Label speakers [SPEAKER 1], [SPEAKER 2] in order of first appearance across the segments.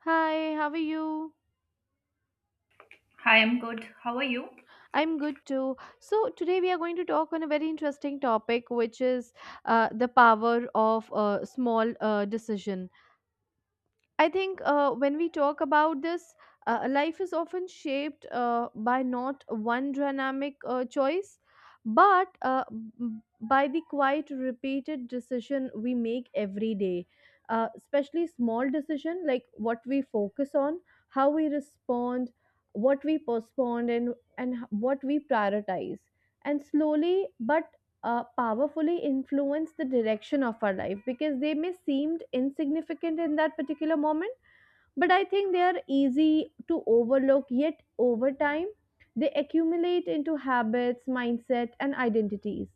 [SPEAKER 1] Hi, how are you?
[SPEAKER 2] Hi, I'm good. How are you?
[SPEAKER 1] I'm good too. So, today we are going to talk on a very interesting topic, which is the power of small decision. I think when we talk about this, life is often shaped by not one dynamic choice, but b- by the quite repeated decision we make every day. Especially small decision like what we focus on, how we respond, what we postpone, and what we prioritize. And slowly but powerfully influence the direction of our life because they may seemed insignificant in that particular moment, but I think they are easy to overlook, yet over time, they accumulate into habits, mindset, and identities.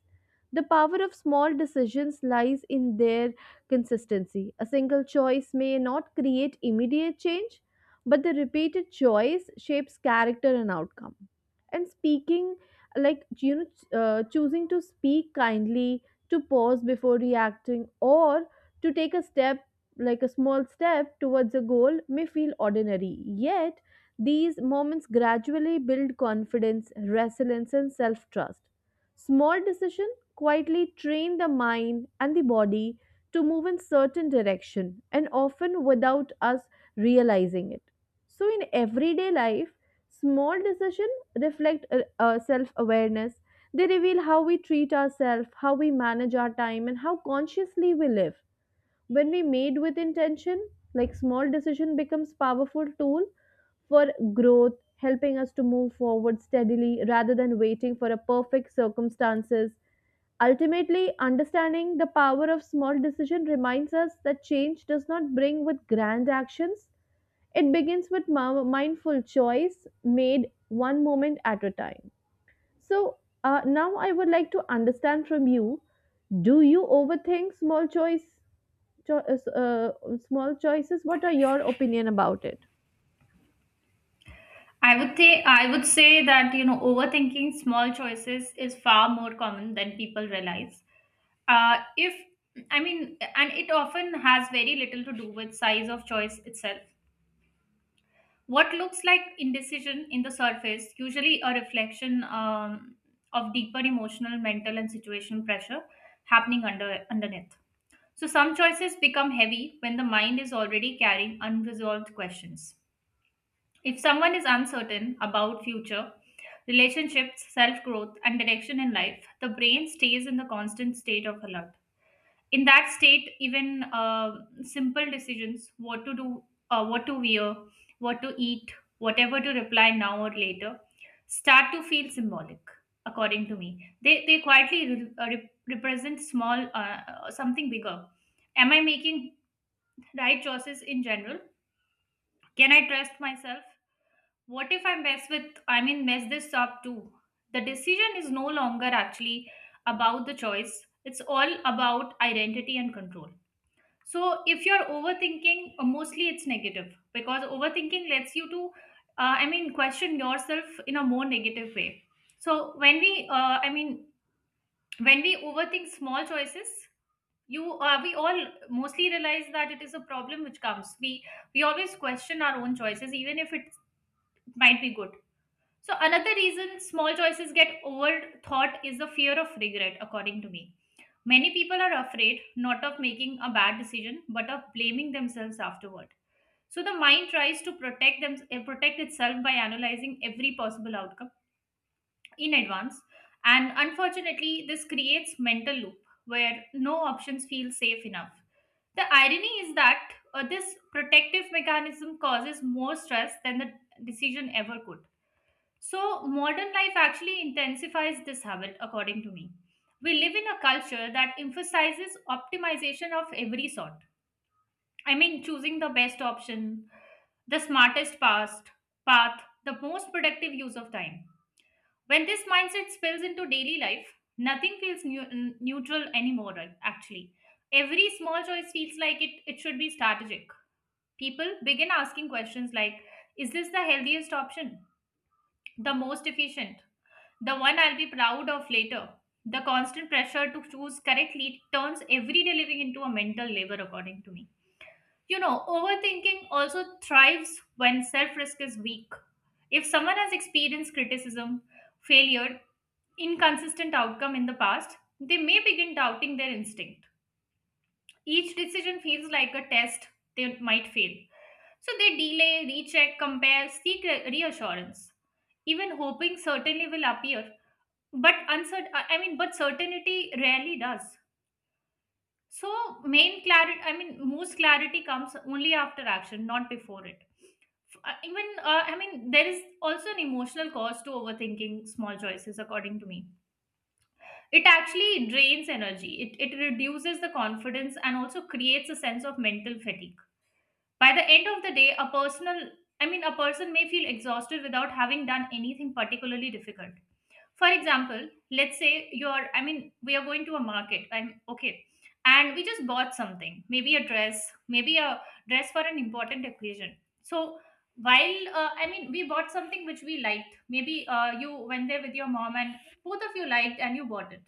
[SPEAKER 1] The power of small decisions lies in their consistency. A single choice may not create immediate change, but the repeated choice shapes character and outcome. And speaking, choosing to speak kindly, to pause before reacting, or to take a step like a small step towards a goal may feel ordinary, yet these moments gradually build confidence, resilience, and self trust. Small decisions quietly train the mind and the body to move in certain direction and often without us realizing it. So in everyday life, small decisions reflect self awareness. They reveal how we treat ourselves, how we manage our time, and how consciously we live when we made with intention, like small decision becomes powerful tool for growth, helping us to move forward steadily rather than waiting for a perfect circumstances. Ultimately, understanding the power of small decision reminds us that change does not bring with grand actions, it begins with mindful choice made one moment at a time. So now I would like to understand from you, do you overthink small cho- uh, uh, small choices? What are your opinion about it?
[SPEAKER 2] I would say that you know overthinking small choices is far more common than people realize. If I mean, And it often has very little to do with size of choice itself. What looks like indecision in the surface, usually a reflection of deeper emotional, mental, and situational pressure happening underneath. So some choices become heavy when the mind is already carrying unresolved questions. If someone is uncertain about future, relationships, self-growth, and direction in life, the brain stays in the constant state of alert. In that state, even simple decisions, what to do, what to wear, what to eat, whatever to reply now or later, start to feel symbolic, according to me. They quietly represent something bigger. Am I making right choices in general? Can I trust myself? What if I mess this up too? The decision is no longer actually about the choice, it's all about identity and control. So if you're overthinking, mostly it's negative because overthinking lets you to, question yourself in a more negative way. So I mean, when we overthink small choices, you we all mostly realize that it is a problem which comes. We always question our own choices, even if it might be good. So another reason small choices get overthought is the fear of regret, according to me. Many people are afraid not of making a bad decision, but of blaming themselves afterward. So the mind tries to protect them, protect itself by analyzing every possible outcome in advance, and unfortunately, this creates mental loop where no options feel safe enough. The irony is that this protective mechanism causes more stress than the decision ever could. So, modern life actually intensifies this habit, according to me. We live in a culture that emphasizes optimization of every sort. I mean, choosing the best option, the smartest past, path, the most productive use of time. When this mindset spills into daily life, nothing feels neutral anymore, right, actually. Every small choice feels like it should be strategic. People begin asking questions like, is this the healthiest option? The most efficient? The one I'll be proud of later. The constant pressure to choose correctly turns everyday living into a mental labor, according to me. You know, overthinking also thrives when self risk is weak. If someone has experienced criticism, failure, inconsistent outcome in the past, they may begin doubting their instinct. Each decision feels like a test they might fail. So they delay, recheck, compare, seek reassurance. Even hoping certainly will appear, but uncertain I mean but certainty rarely does. So main clarity I mean most clarity comes only after action, not before it. F- even I mean There is also an emotional cost to overthinking small choices, according to me. It actually drains energy, it reduces the confidence and also creates a sense of mental fatigue. By the end of the day, a person may feel exhausted without having done anything particularly difficult. For example, let's say you're I mean we are going to a market. I'm okay. And we just bought something, maybe a dress, maybe a dress for an important occasion. So while I mean we bought something which we liked. Maybe you went there with your mom and both of you liked and you bought it.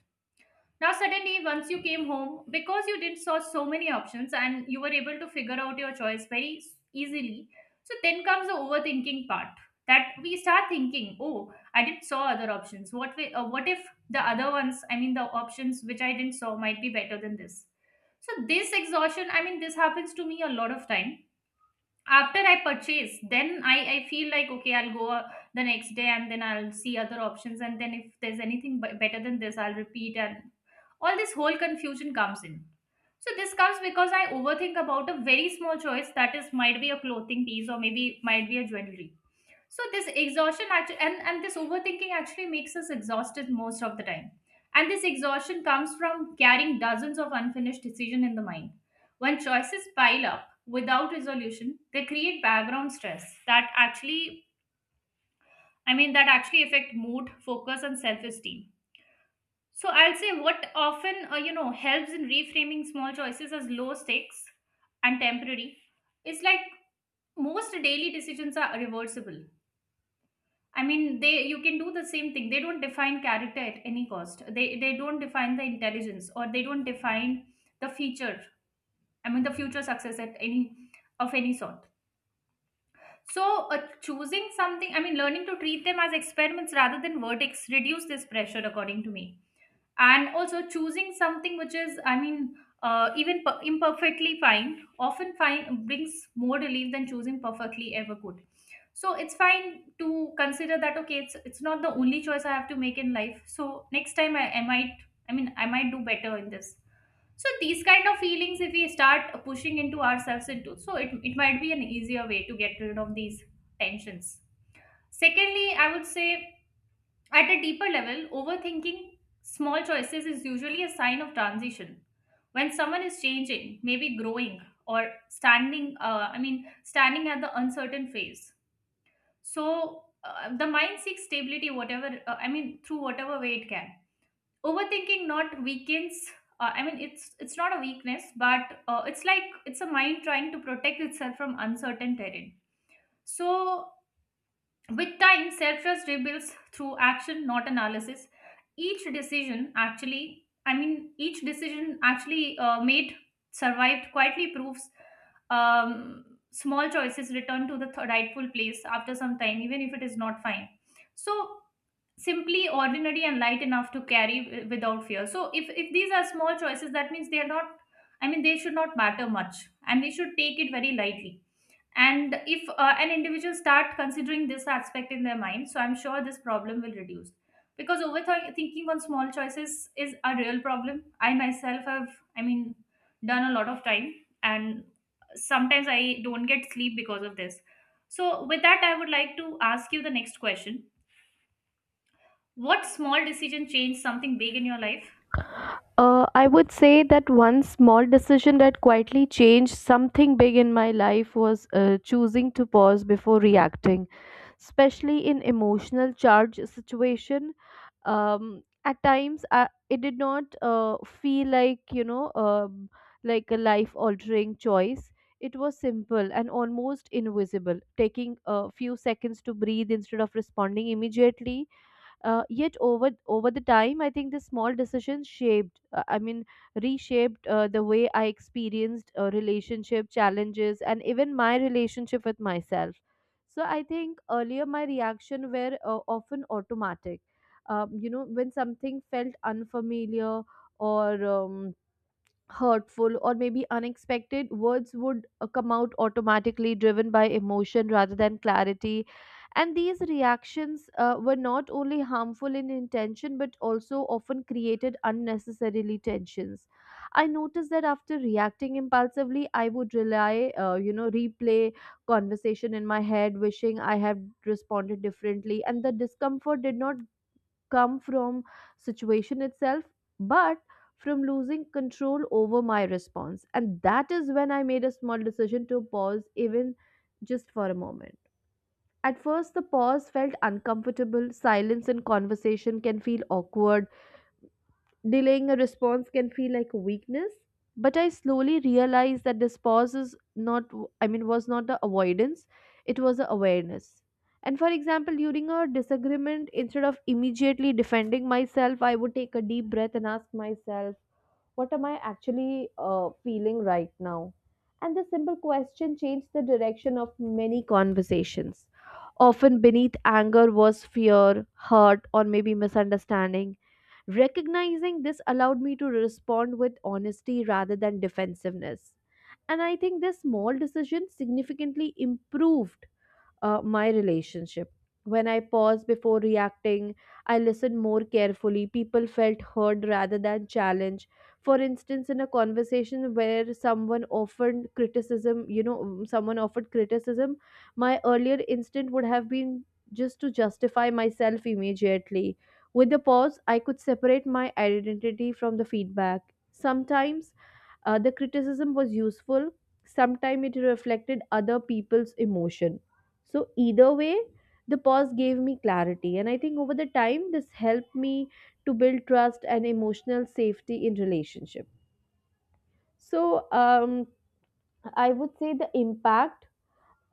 [SPEAKER 2] Now, suddenly, once you came home, because you did saw so many options and you were able to figure out your choice very easily, so then comes the overthinking part. That we start thinking, oh, I didn't saw other options. What if the other ones, I mean, the options which I didn't saw might be better than this? So this exhaustion, I mean, this happens to me a lot of time. After I purchase, then I feel like, okay, I'll go the next day and then I'll see other options, and then if there's anything better than this, I'll repeat and all this whole confusion comes in. So this comes because I overthink about a very small choice, that is, might be a clothing piece or maybe might be a jewelry. So this exhaustion actually, and this overthinking actually makes us exhausted most of the time. And this exhaustion comes from carrying dozens of unfinished decisions in the mind. When choices pile up without resolution, they create background stress that actually that actually affect mood, focus, and self-esteem. So I'll say what often you know helps in reframing small choices as low stakes and temporary is like, most daily decisions are reversible. I mean, they you can do the same thing. They don't define character at any cost. They don't define the intelligence, or they don't define the future. I mean, the future success at any of any sort. So choosing something, I mean, learning to treat them as experiments rather than verdicts reduce this pressure, according to me. And also choosing something which is even imperfectly fine, often fine, brings more relief than choosing perfectly ever good. So it's fine to consider that, okay, it's not the only choice I have to make in life. So next time I might I might do better in this. So these kind of feelings, if we start pushing into ourselves into, so it might be an easier way to get rid of these tensions. Secondly, I would say at a deeper level, overthinking small choices is usually a sign of transition. When someone is changing, maybe growing or standing at the uncertain phase. So the mind seeks stability, through whatever way it can. Overthinking not weakens. It's not a weakness, but it's like it's a mind trying to protect itself from uncertain terrain. So with time, self trust rebuilds through action, not analysis. Each decision actually made, survived, quietly proves small choices return to the rightful place after some time, even if it is not fine. So, simply ordinary and light enough to carry without fear. So, if these are small choices, that means they are not, I mean, they should not matter much, and we should take it very lightly. And if an individual start considering this aspect in their mind, so I'm sure this problem will reduce, because overthinking on small choices is a real problem I myself have, i mean done a lot of time. And sometimes I don't get sleep because of this. So with that, I would like to ask you the next question. What small decision changed something big in your life?
[SPEAKER 1] I would say that one small decision that quietly changed something big in my life was choosing to pause before reacting, especially in emotional charge situation. At times, it did not feel like like a life-altering choice. It was simple and almost invisible, taking a few seconds to breathe instead of responding immediately. Yet over the time, I think the small decisions reshaped the way I experienced relationship challenges and even my relationship with myself. So I think earlier my reaction were often automatic. You know, when something felt unfamiliar or um, hurtful or maybe unexpected, words would come out automatically, driven by emotion rather than clarity. And these reactions were not only harmful in intention but also often created unnecessarily tensions. I noticed that after reacting impulsively, I would rely you know replay conversation in my head wishing I had responded differently, and the discomfort did not come from situation itself, but from losing control over my response. And that is when I made a small decision to pause, even just for a moment. At first the pause felt uncomfortable, silence in conversation can feel awkward. Delaying a response can feel like weakness, but I slowly realized that this pause is not, I mean, was not the avoidance, it was the awareness. And for example, during a disagreement, instead of immediately defending myself, I would take a deep breath and ask myself, what am I actually feeling right now? And this simple question changed the direction of many conversations. Often beneath anger was fear, hurt, or maybe misunderstanding. Recognizing this allowed me to respond with honesty rather than defensiveness. And I think this small decision significantly improved my relationship. When I paused before reacting, I listened more carefully. People felt heard rather than challenged. For instance, in a conversation where someone offered criticism, my earlier instinct would have been just to justify myself immediately. With the pause, I could separate my identity from the feedback. Sometimes the criticism was useful, sometimes it reflected other people's emotion. So either way, the pause gave me clarity, and I think over the time, this helped me to build trust and emotional safety in relationship. So I would say the impact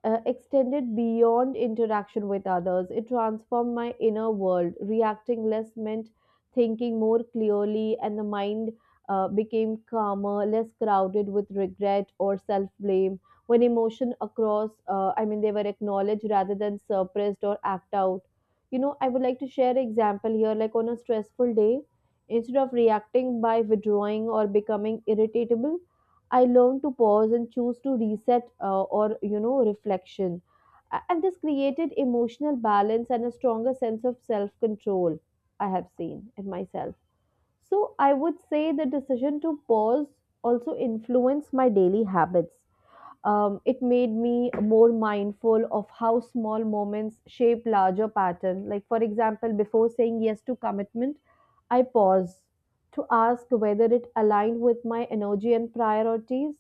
[SPEAKER 1] extended beyond interaction with others. It transformed my inner world. Reacting less meant thinking more clearly, and the mind became calmer, less crowded with regret or self blame. When emotion across, they were acknowledged rather than suppressed or act out. You know, I would like to share an example here. Like on a stressful day, instead of reacting by withdrawing or becoming irritable, I learned to pause and choose to reset or reflection. And this created emotional balance and a stronger sense of self control, I have seen in myself. So I would say the decision to pause also influenced my daily habits. It made me more mindful of how small moments shape larger pattern. Like for example, before saying yes to commitment, I pause to ask whether it aligned with my energy and priorities.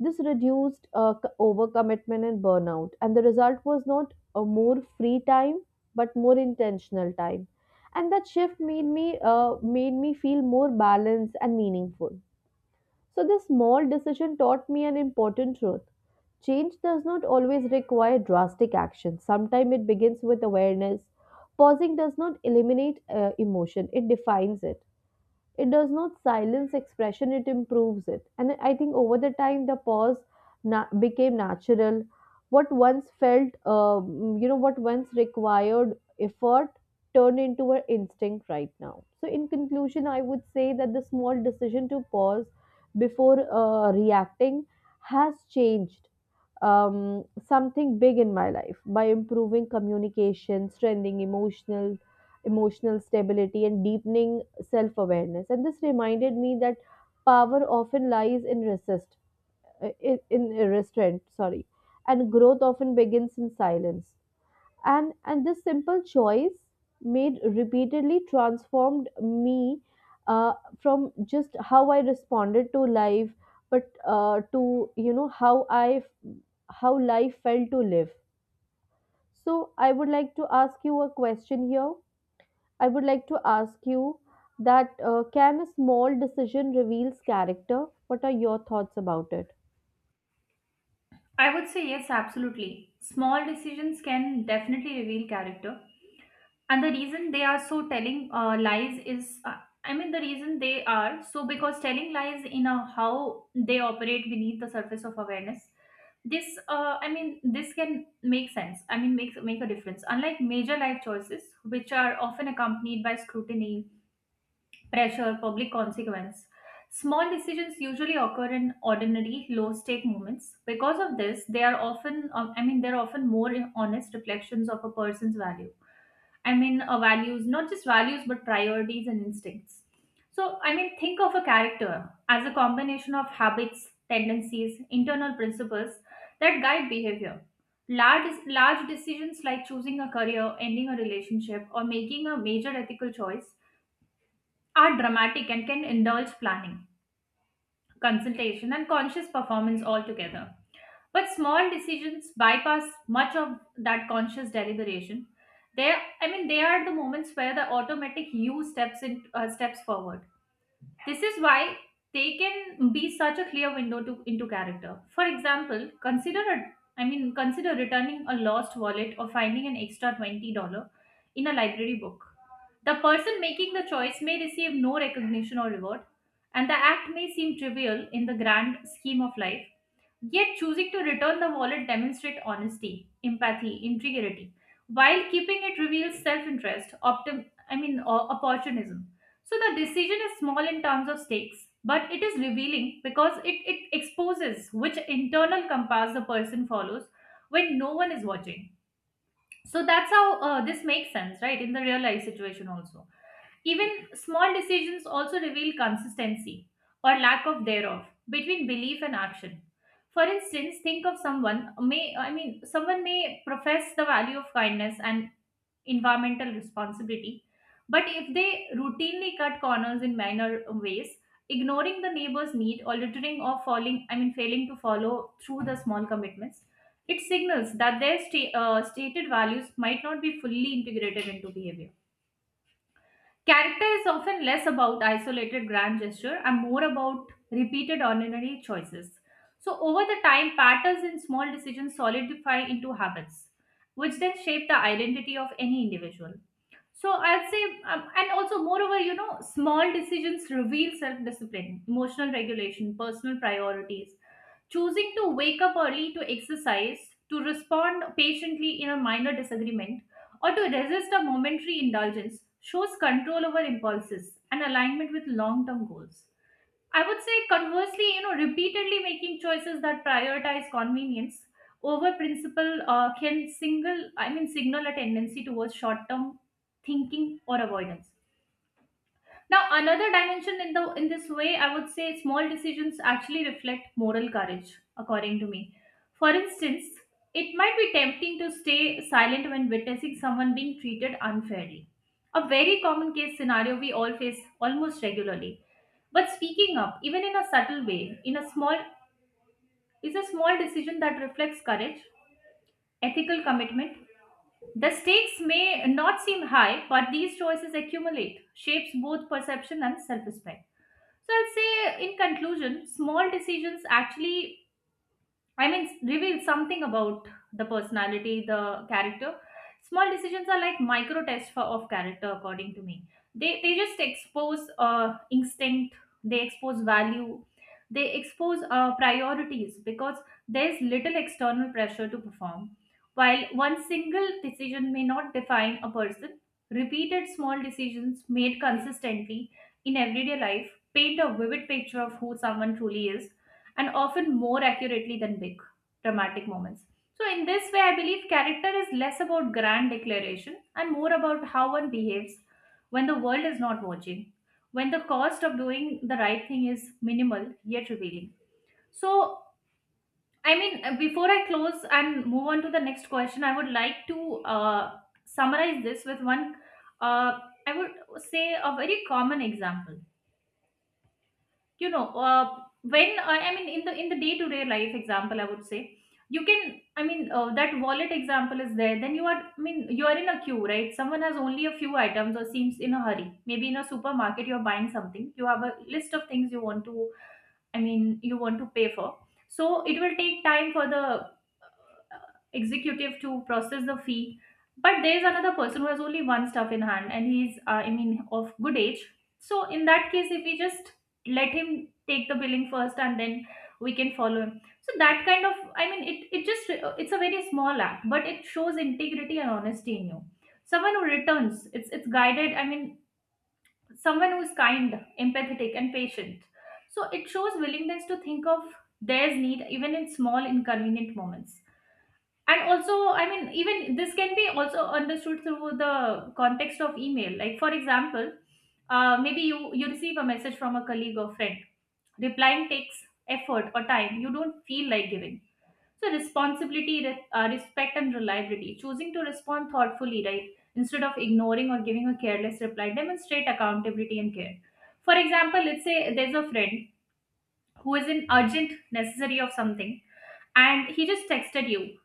[SPEAKER 1] This reduced overcommitment and burnout, and the result was not a more free time, but more intentional time. And that shift made me feel more balanced and meaningful. So this small decision taught me an important truth. Change does not always require drastic action. Sometimes it begins with awareness. Pausing does not eliminate emotion, it defines it. It does not silence expression, it improves it. And I think over the time, the pause became natural. What once felt, what once required effort turned into an instinct right now. So, in conclusion, I would say that the small decision to pause before reacting has changed something big in my life by improving communication, strengthening emotional stability, and deepening self awareness. And this reminded me that power often lies in restraint. Sorry. And growth often begins in silence, and this simple choice made repeatedly transformed me uh, from just how I responded to life, but to you know how I how life felt to live. So I would like to ask you a question here. I would like to ask you that can a small decision reveals character? What are your thoughts about it?
[SPEAKER 2] I would say yes, absolutely. Small decisions can definitely reveal character. And the reason they are so telling lies is, I mean, the reason they are so because telling lies in a how they operate beneath the surface of awareness. This can make sense. Make a difference. Unlike major life choices, which are often accompanied by scrutiny, pressure, public consequence. Small decisions usually occur in ordinary, low-stake moments. Because of this, they are often, they're often more honest reflections of a person's values, not just values, but priorities and instincts. So, I mean, think of a character as a combination of habits, tendencies, internal principles that guide behavior. Large decisions like choosing a career, ending a relationship, or making a major ethical choice are dramatic and can indulge planning, consultation, and conscious performance altogether. But small decisions bypass much of that conscious deliberation. They, they are the moments where the automatic you steps forward. This is why they can be such a clear window to into character. For example, consider returning a lost wallet or finding an extra $20 in a library book. The person making the choice may receive no recognition or reward, and the act may seem trivial in the grand scheme of life. Yet choosing to return the wallet demonstrates honesty, empathy, integrity, while keeping it reveals self-interest, or opportunism. So the decision is small in terms of stakes, but it is revealing because it exposes which internal compass the person follows when no one is watching. So that's how this makes sense, right? In the real life situation also. Even small decisions also reveal consistency or lack of thereof between belief and action. For instance, think of someone may profess the value of kindness and environmental responsibility, but if they routinely cut corners in minor ways, ignoring the neighbor's need or littering or falling I mean failing to follow through the small commitments, it signals that their stated values might not be fully integrated into behavior. Character is often less about isolated grand gesture and more about repeated ordinary choices. So over the time, patterns in small decisions solidify into habits, which then shape the identity of any individual. So I'd say, and also moreover, small decisions reveal self-discipline, emotional regulation, personal priorities, choosing to wake up early to exercise, to respond patiently in a minor disagreement, or to resist a momentary indulgence shows control over impulses and alignment with long term goals. I would say, conversely, repeatedly making choices that prioritize convenience over principle can signal a tendency towards short term thinking or avoidance. Now, another dimension in this way, I would say small decisions actually reflect moral courage, according to me. For instance, it might be tempting to stay silent when witnessing someone being treated unfairly. A very common case scenario we all face almost regularly. But speaking up, even in a subtle way, in a small is a small decision that reflects courage, ethical commitment. The stakes may not seem high, but these choices accumulate, shapes both perception and self-respect. So I'll say in conclusion, small decisions reveals something about the personality, the character. Small decisions are like micro tests of character, according to me. They just expose instinct, they expose value, they expose priorities because there's little external pressure to perform. While one single decision may not define a person, repeated small decisions made consistently in everyday life paint a vivid picture of who someone truly is, and often more accurately than big dramatic moments. So, in this way, I believe character is less about grand declaration and more about how one behaves when the world is not watching, when the cost of doing the right thing is minimal yet revealing. So, before I close and move on to the next question, I would like to summarize this with one, uh, I would say, a very common example. You know uh, when uh, i mean in the day to day life example, I would say you can, that wallet example is there. Then you are, I mean, you are in a queue, right? Someone has only a few items or seems in a hurry. Maybe in a supermarket you're buying something, you have a list of things you want to, I mean, you want to pay for. So it will take time for the executive to process the fee. But there is another person who has only one stuff in hand, and he's, of good age. So in that case, if we just let him take the billing first, and then we can follow him. So that kind of, it just it's a very small act, but it shows integrity and honesty in you. Someone who returns, it's it's guided. Someone who is kind, empathetic, and patient. So it shows willingness to think of theirs need even in small inconvenient moments. And also, I mean, even this can be also understood through the context of email. Like, for example, maybe you receive a message from a colleague or friend, replying takes effort or time you don't feel like giving. So responsibility, respect and reliability, choosing to respond thoughtfully, right, instead of ignoring or giving a careless reply, demonstrate accountability and care. For example, let's say there's a friend who is in urgent necessary of something and he just texted you,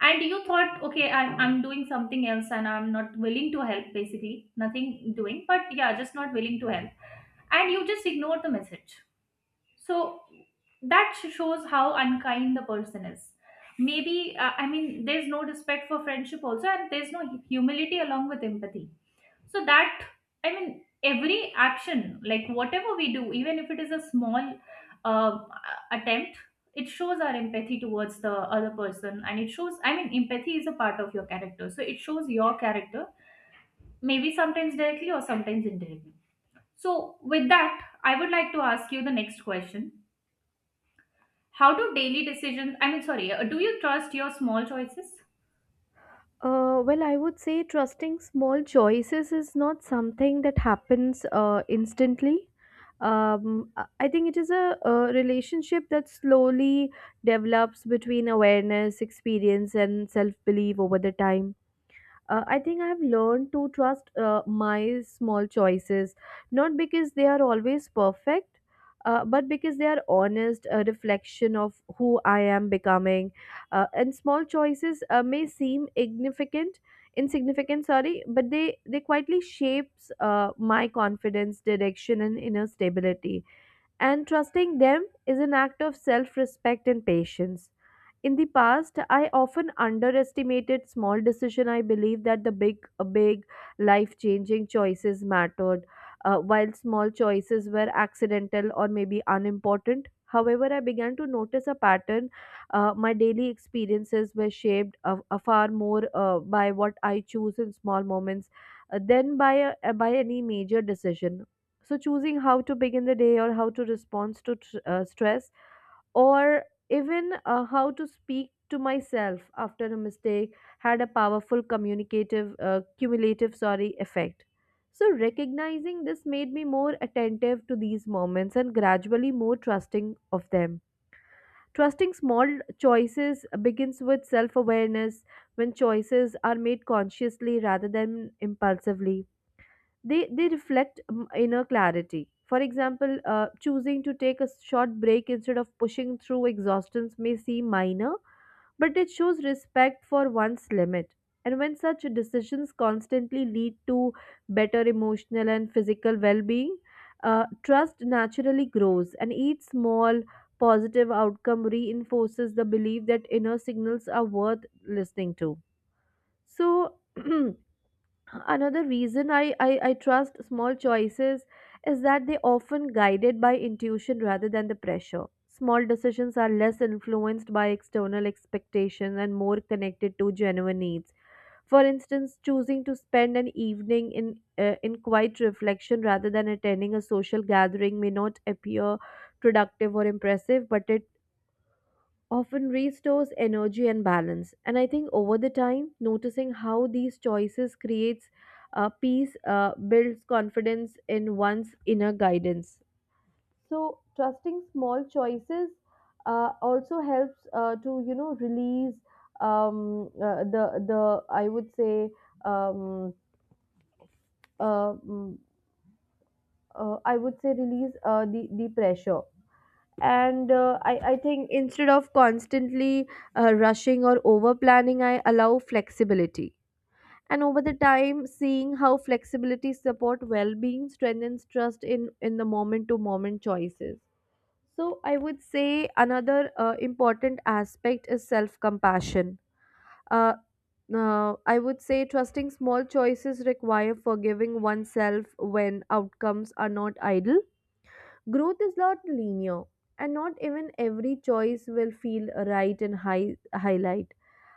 [SPEAKER 2] and you thought, okay, I'm doing something else and I'm not willing to help, basically. Nothing doing, but yeah, just not willing to help. And you just ignore the message. So that shows how unkind the person is. Maybe, there's no respect for friendship also, and there's no humility along with empathy. So that, I mean, every action, like whatever we do, even if it is a small uh, attempt, it shows our empathy towards the other person, and it shows, I mean, empathy is a part of your character, so it shows your character, maybe sometimes directly or sometimes indirectly. So with that, I would like to ask you the next question. How do daily decisions, I mean, sorry, do you trust your small choices?
[SPEAKER 1] Well, I would say trusting small choices is not something that happens instantly. I think it is a relationship that slowly develops between awareness, experience, and self belief over the time. I think I've learned to trust my small choices, not because they are always perfect, but because they are honest, a reflection of who I am becoming. And small choices may seem ignificant, insignificant, sorry, but they quietly shapes my confidence, direction, and inner stability. And trusting them is an act of self-respect and patience. In the past, I often underestimated small decision. I believe that the big life-changing choices mattered, while small choices were accidental or maybe unimportant. However, I began to notice a pattern. My daily experiences were shaped a far more by what I choose in small moments than by any major decision. So, choosing how to begin the day or how to respond to stress or even how to speak to myself after a mistake had a powerful cumulative, sorry, effect. So recognizing this made me more attentive to these moments and gradually more trusting of them. Trusting small choices begins with self awareness. When choices are made consciously rather than impulsively, they reflect inner clarity. For example, choosing to take a short break instead of pushing through exhaustions may seem minor, but it shows respect for one's limit. And when such decisions constantly lead to better emotional and physical well-being, trust naturally grows, and each small positive outcome reinforces the belief that inner signals are worth listening to. So another reason I trust small choices is that they often guided by intuition rather than the pressure. Small decisions are less influenced by external expectations and more connected to genuine needs. For instance, choosing to spend an evening in quiet reflection rather than attending a social gathering may not appear productive or impressive, but it often restores energy and balance. And I think over the time noticing how these choices creates peace, builds confidence in one's inner guidance. So trusting small choices also helps to release um, uh, the the I would say um, mm, I would say release the pressure. And I think instead of constantly rushing or over planning, I allow flexibility. And over the time seeing how flexibility support well-being strengthens trust in the moment to moment choices. So I would say another important aspect is self compassion. uh, I would say trusting small choices require forgiving oneself when outcomes are not ideal. Growth is not linear, and not even every choice will feel right in highlight.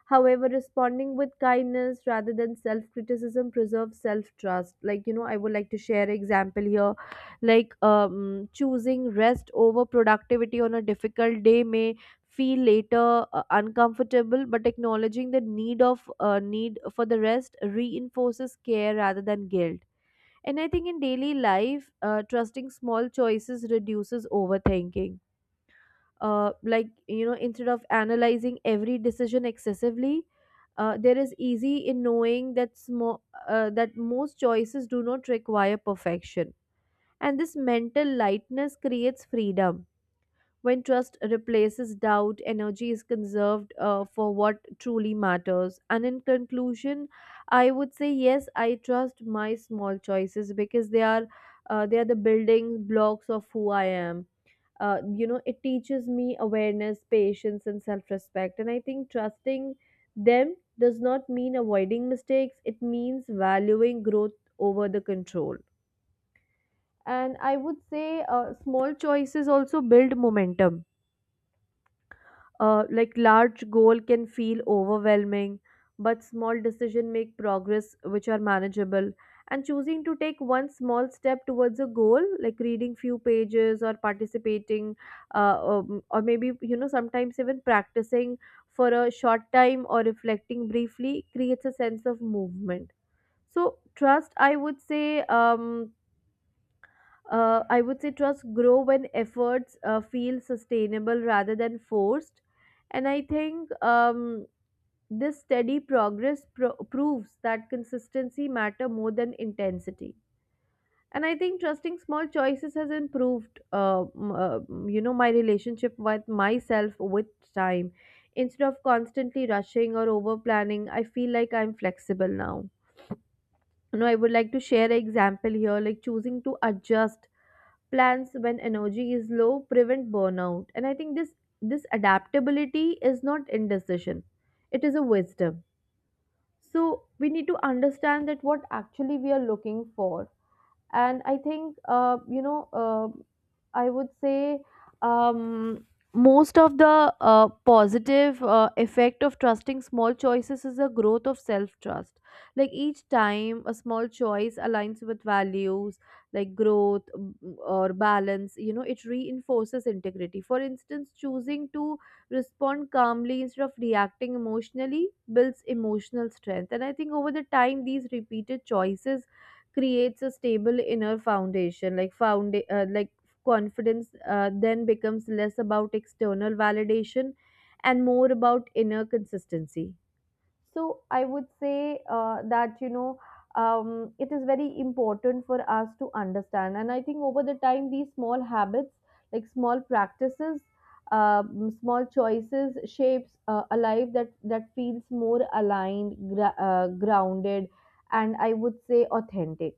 [SPEAKER 1] However, responding with kindness rather than self criticism preserves self trust. Like, you know, I would like to share an example here. Like, choosing rest over productivity on a difficult day may feel later uncomfortable, but acknowledging the need of need for the rest reinforces care rather than guilt. And I think in daily life, trusting small choices reduces overthinking. Like, you know, instead of analyzing every decision excessively, there is easy in knowing that, that most choices do not require perfection. And this mental lightness creates freedom. When trust replaces doubt, energy is conserved for what truly matters. And in conclusion, I would say yes, I trust my small choices because they are the building blocks of who I am. You know, it teaches me awareness, patience, and self-respect. And I think trusting them does not mean avoiding mistakes. It means valuing growth over the control. And I would say small choices also build momentum. Like, large goal can feel overwhelming, but small decision make progress which are manageable. And choosing to take one small step towards a goal, like reading few pages or participating, or maybe you know sometimes even practicing for a short time or reflecting briefly, creates a sense of movement. So trust, I would say trust grow when efforts feel sustainable rather than forced. And I think this steady progress proves that consistency matter more than intensity. And I think trusting small choices has improved, you know, my relationship with myself with time. Instead of constantly rushing or over planning, I feel like I'm flexible now. You know, I would like to share an example here, like choosing to adjust plans when energy is low prevent burnout. And I think this adaptability is not indecision, it is a wisdom. So we need to understand that what actually we are looking for. And I think I would say, um, most of the positive effect of trusting small choices is the growth of self trust. Like each time a small choice aligns with values like growth, or balance, you know, it reinforces integrity. For instance, choosing to respond calmly instead of reacting emotionally builds emotional strength. And I think over the time these repeated choices creates a stable inner foundation, like found like confidence then becomes less about external validation and more about inner consistency. So I would say that you know, it is very important for us to understand. And I think over the time these small habits, like small practices, small choices shapes a life that feels more aligned, grounded, and I would say authentic.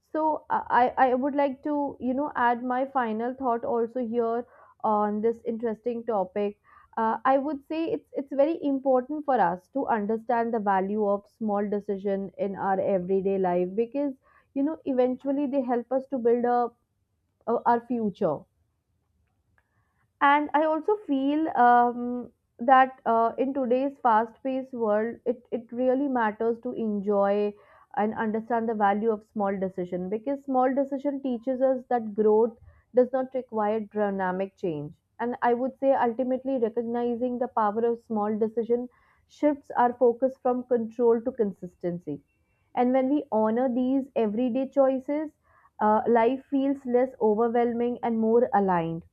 [SPEAKER 1] So I would like to, you know, add my final thought also here on this interesting topic. I would say it's very important for us to understand the value of small decision in our everyday life, because you know eventually they help us to build a our future. And I also feel that in today's fast-paced world, it really matters to enjoy and understand the value of small decision, because small decision teaches us that growth does not require dynamic change. And I would say ultimately recognizing the power of small decision shifts our focus from control to consistency. And when we honor these everyday choices, life feels less overwhelming and more aligned.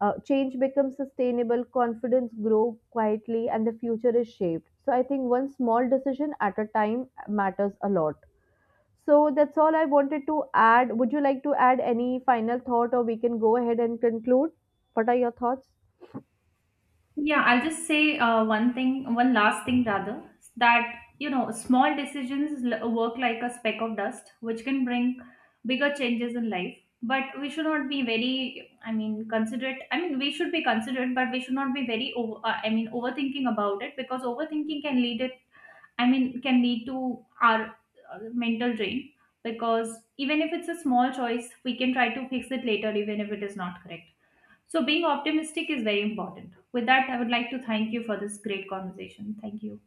[SPEAKER 1] Uh, change becomes sustainable, confidence grow quietly, and the future is shaped, so I think one small decision at a time matters a lot. So that's all I wanted to add. Would you like to add any final thought, or we can go ahead and conclude? What are your thoughts?
[SPEAKER 2] Yeah, I'll just say one thing, one last thing rather, that, you know, small decisions work like a speck of dust, which can bring bigger changes in life. But we should not be very, considerate. I mean, we should be considerate, but we should not be very, over, overthinking about it, because overthinking can lead it. I mean, can lead to our mental drain, because even if it's a small choice, we can try to fix it later, even if it is not correct. So, being optimistic is very important. With that, I would like to thank you for this great conversation. Thank you.